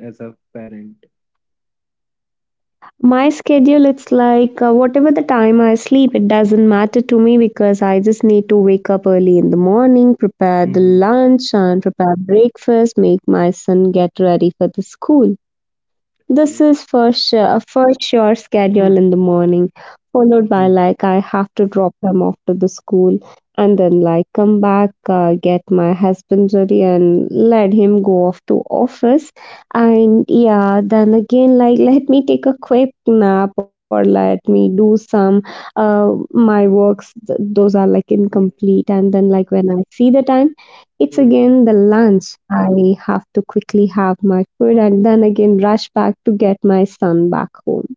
as a parent?
My schedule, it's like whatever the time I sleep, it doesn't matter to me because I just need to wake up early in the morning, prepare the
Hmm.
lunch and prepare breakfast, make my son get ready for the school. This
Okay.
is for sure a for sure schedule in the morning, followed by like I have to drop them off to the school and then like come back, get my husband ready and let him go off to office. And yeah, then again like let me take a quick nap or let me do some my works. Those are like incomplete, and then like when I see the time. It's
Mm-hmm.
again the lunch. I have to quickly have my food and then again rush back to get my son back home.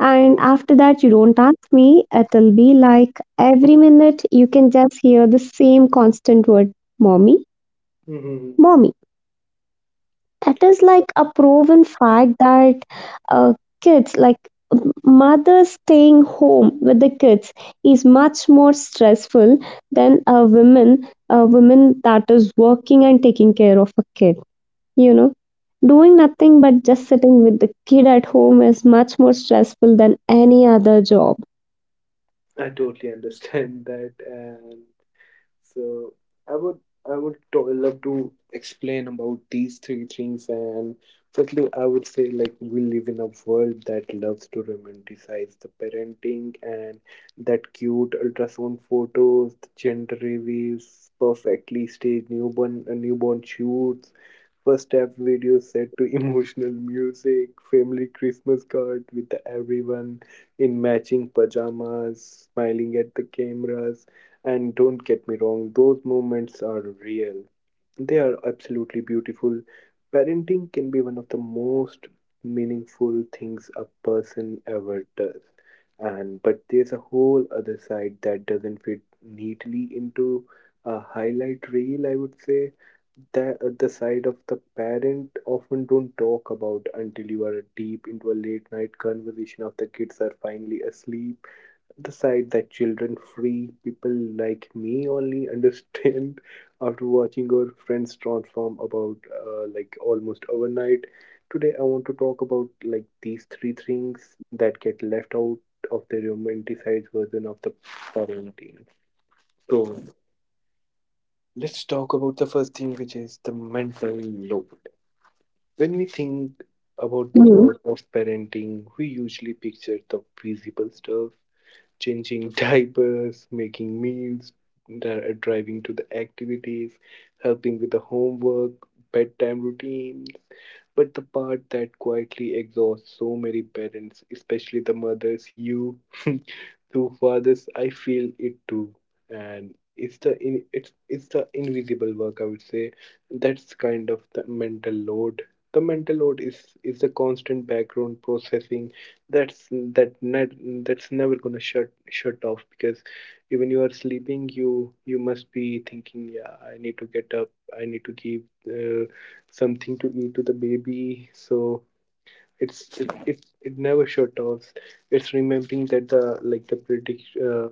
And after that, you don't ask me, it'll be like every minute you can just hear the same constant word, mommy,
Mm-hmm.
mommy. It is like a proven fact that uh, kids, like mothers staying home with the kids, is much more stressful than a woman that is working and taking care of a kid. You know, doing nothing but just sitting with the kid at home is much more stressful than any other job.
I totally understand that. And so I would love to explain about these three things. And firstly, I would say, like, we live in a world that loves to romanticize the parenting, and that cute ultrasound photos, the gender reveals, perfectly staged newborn shoots, first app video set to emotional music, family Christmas card with everyone in matching pajamas, smiling at the cameras. And don't get me wrong, those moments are real. They are absolutely beautiful. Parenting can be one of the most meaningful things a person ever does. And but there's a whole other side that doesn't fit neatly into a highlight reel, I would say, that the side of the parent often don't talk about until you are deep into a late night conversation after kids are finally asleep. The side that children free people like me only understand after watching our friends transform about like almost overnight. Today I want to talk about, like, these three things that get left out of the romanticized version of the parenting. So let's talk about the first thing, which is the mental load. When we think about the
Mhm.
work of parenting, we usually picture the visible stuff: changing diapers, making meals, driving to the activities, helping with the homework, bedtime routines. But the part that quietly exhausts so many parents, especially the mothers, you so for this, I feel it too, and it's it's the invisible work, I would say. That's kind of the mental load. The mental load is the constant background processing. That's that net that's never gonna shut off, because even you are sleeping, you must be thinking, yeah, I need to get up. I need to give uh, something to eat to the baby. So it never sure talks. It's remembering that the, like, the predict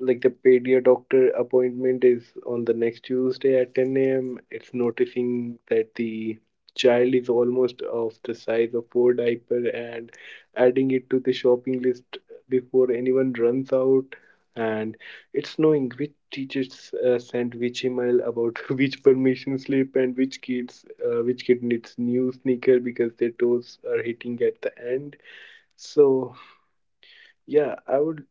like the pedia doctor appointment is on the next Tuesday at 10 a.m. It's noticing that the child is almost of the size of four diaper and adding it to the shopping list before anyone runs out. And it's knowing which teachers sent which email about which permission slip and which kids which kid needs new sneaker because their toes are hitting at the end. So yeah, I would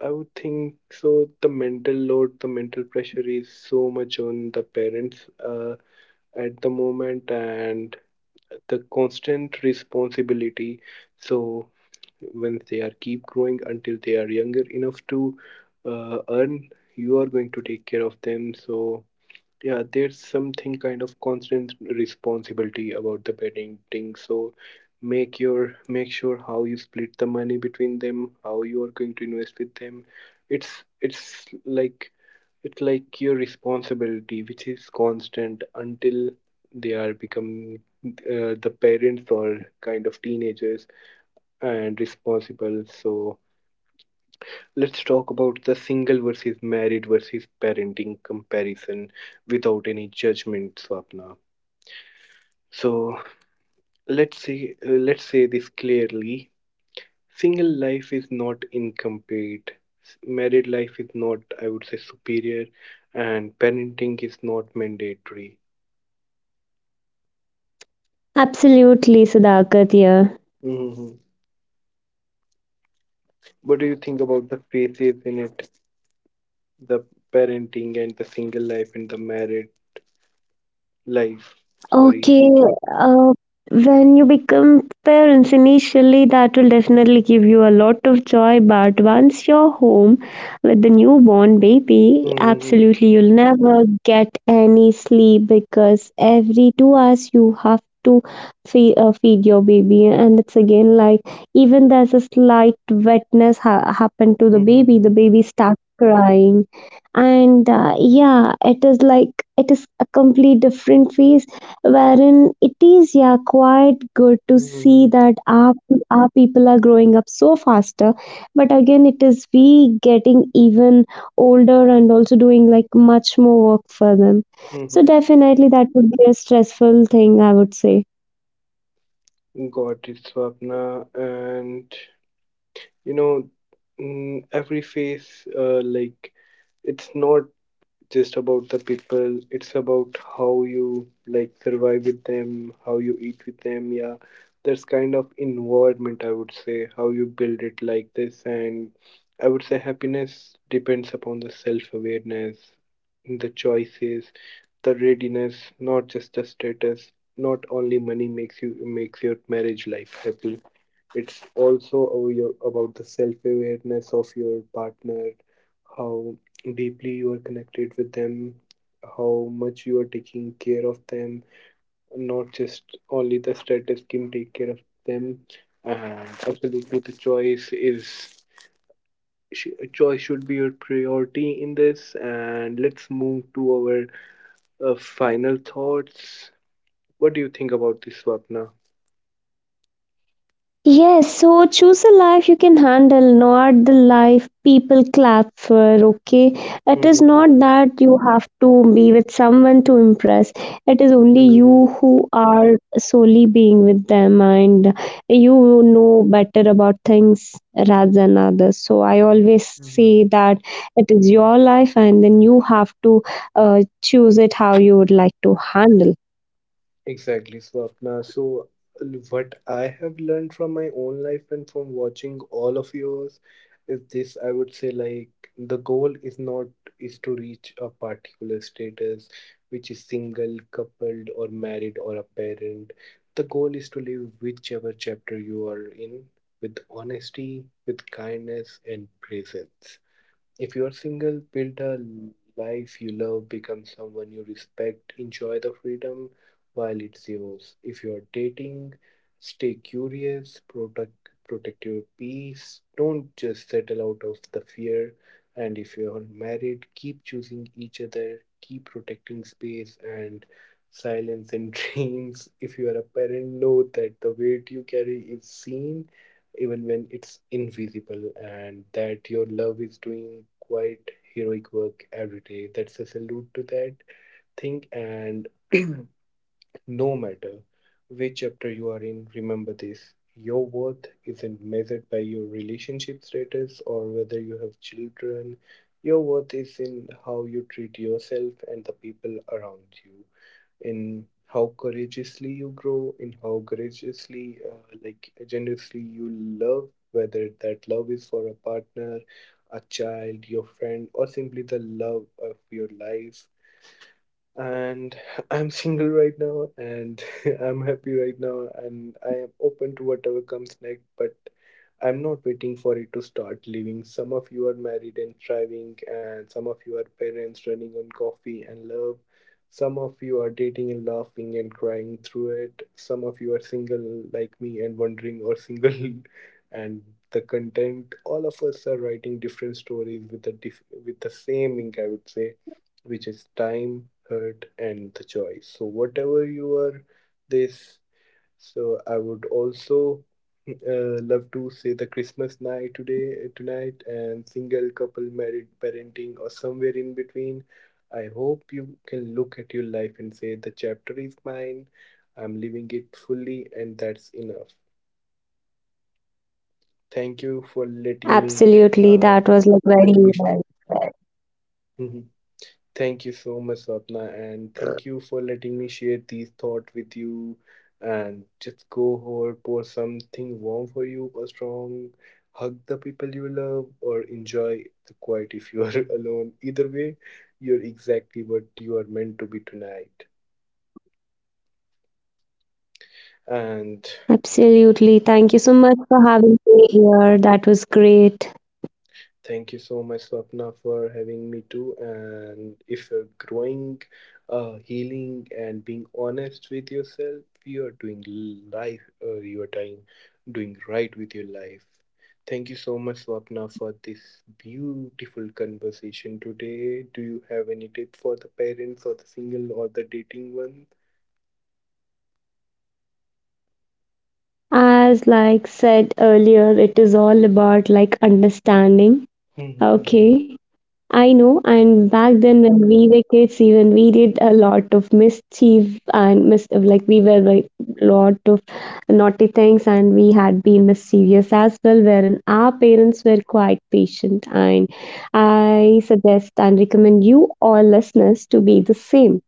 I would think so. The mental load, the mental pressure is so much on the parents at the moment, and the constant responsibility. So when they are keep growing until they are younger enough to earn, you are going to take care of them. So yeah, there's something kind of constant responsibility about the parenting. So make sure how you split the money between them, how you are going to invest with them. It's like it's like your responsibility, which is constant until they are become the parents or kind of teenagers and responsible. So let's talk about the single versus married versus parenting comparison without any judgment, Swapna. So let's say this clearly. Single life is not incomplete. Married life is not, I would say, superior, and parenting is not mandatory.
Absolutely, Sudhakar, yeah.
Hmm. What do you think about the phases in it? The parenting and the single life and the married life. Sorry.
Okay, uh, when you become parents, initially that will definitely give you a lot of joy, but once you're home with the newborn baby,
Hmm.
absolutely you'll never get any sleep because every 2 hours you have to feed your baby, and it's again like even there's a slight wetness happened to the
Hmm.
baby starts crying and yeah, it is like it is a complete different phase wherein it is, yeah, quite good to see
Mm-hmm.
that our people are growing up so faster, but again it is we getting even older and also doing like much more work for them,
Hmm.
so
Hmm.
definitely that would be a stressful thing, I would say.
Got it, Swapna. And you know mm, every face. It's not just about the people, it's about how you like survive with them, how you eat with them, yeah, that's kind of environment I would say, how you build it like this. And I would say happiness depends upon the self-awareness, the choices, the readiness, not just the status. Not only money makes you makes your marriage life happy, it's also about the self awareness of your partner, how deeply you are connected with them, how much you are taking care of them, not just only the status can take care of them. And absolutely, the choice is choice should be your priority in this. And let's move to our final thoughts. What do you think about this, Swapna?
Yes, so choose a life you can handle, not the life people clap for, okay? It is not that you have to be with someone to impress. It is only
Mm-hmm.
you who are solely being with them and you know better about things rather than others. So I always say that it is your life and then you have to choose it how you would like to handle.
Exactly, Swapna. So, what I have learned from my own life and from watching all of yours is this. I would say like the goal is not is to reach a particular status which is single, coupled or married or a parent. The goal is to live whichever chapter you are in with honesty, with kindness and presence. If you're single, build a life you love, become someone you respect, enjoy the freedom while it's yours. If you're dating, stay curious, protect your peace, don't just settle out of the fear. And if you're married, keep choosing each other, keep protecting space and silence and dreams. If you are a parent, know that the weight you carry is seen even when it's invisible, and that your love is doing quite heroic work every day. That's a salute to that thing. And no matter which chapter you are in, remember this: your worth isn't measured by your relationship status or whether you have children. Your worth is in how you treat yourself and the people around you, in how courageously you grow, in how courageously, like generously you love, whether that love is for a partner, a child, your friend, or simply the love of your life. And I'm single right now, and I'm happy right now, and I am open to whatever comes next, but I'm not waiting for it to start living. Some of you are married and thriving, and some of you are parents running on coffee and love. Some of you are dating and laughing and crying through it. Some of you are single like me and wondering, or single and the content, all of us are writing different stories with the with the same ink I would say, which is time, hurt, and the choice. So, whatever you are, this. So, I would also love to say the Christmas night today, tonight, and single, couple, married, parenting, or somewhere in between. I hope you can look at your life and say, "The chapter is mine. I'm living it fully, and that's enough." Thank you for letting me.
Absolutely,
Uh,
that was like very
Let me. Thank you so much, Swapna, and thank you for letting me share these thoughts with you. And just go home, pour something warm for you, or strong, hug the people you love, or enjoy the quiet if you are alone. Either way, you're exactly what you are meant to be tonight. And
absolutely. Thank you so much for having me here. That was great.
thank you so much, Swapna, for having me too. And if you're growing, healing, and being honest with yourself, you're doing life. You're doing right with your life. Thank you so much, Swapna, for this beautiful conversation today. Do you have any tip for the parents or the single or the dating one?
As like said earlier, it is all about like understanding. Okay. I know. And back then when we were kids, even we did a lot of mischief and like we were like lot of naughty things and we had been mischievous as well, wherein our parents were quite patient and I suggest and recommend you all listeners to be the same.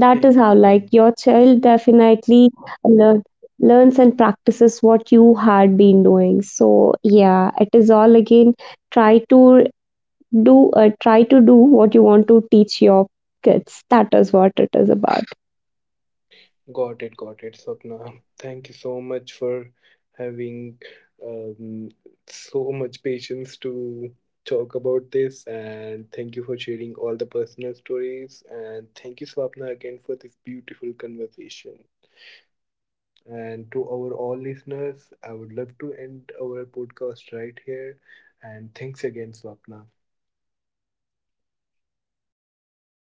That
Thank
is
you
how
so much.
like your child definitely learn, learns and practices what you had been doing, so yeah, it is all again try to do try to do what you want to teach your kids. That is what it is about.
Got it, Swapna. Thank you so much for having um, so much patience to talk about this, and thank you for sharing all the personal stories. And thank you, Swapna, again for this beautiful conversation. And to our all listeners, I would love to end our podcast right here. And thanks again, Swapna.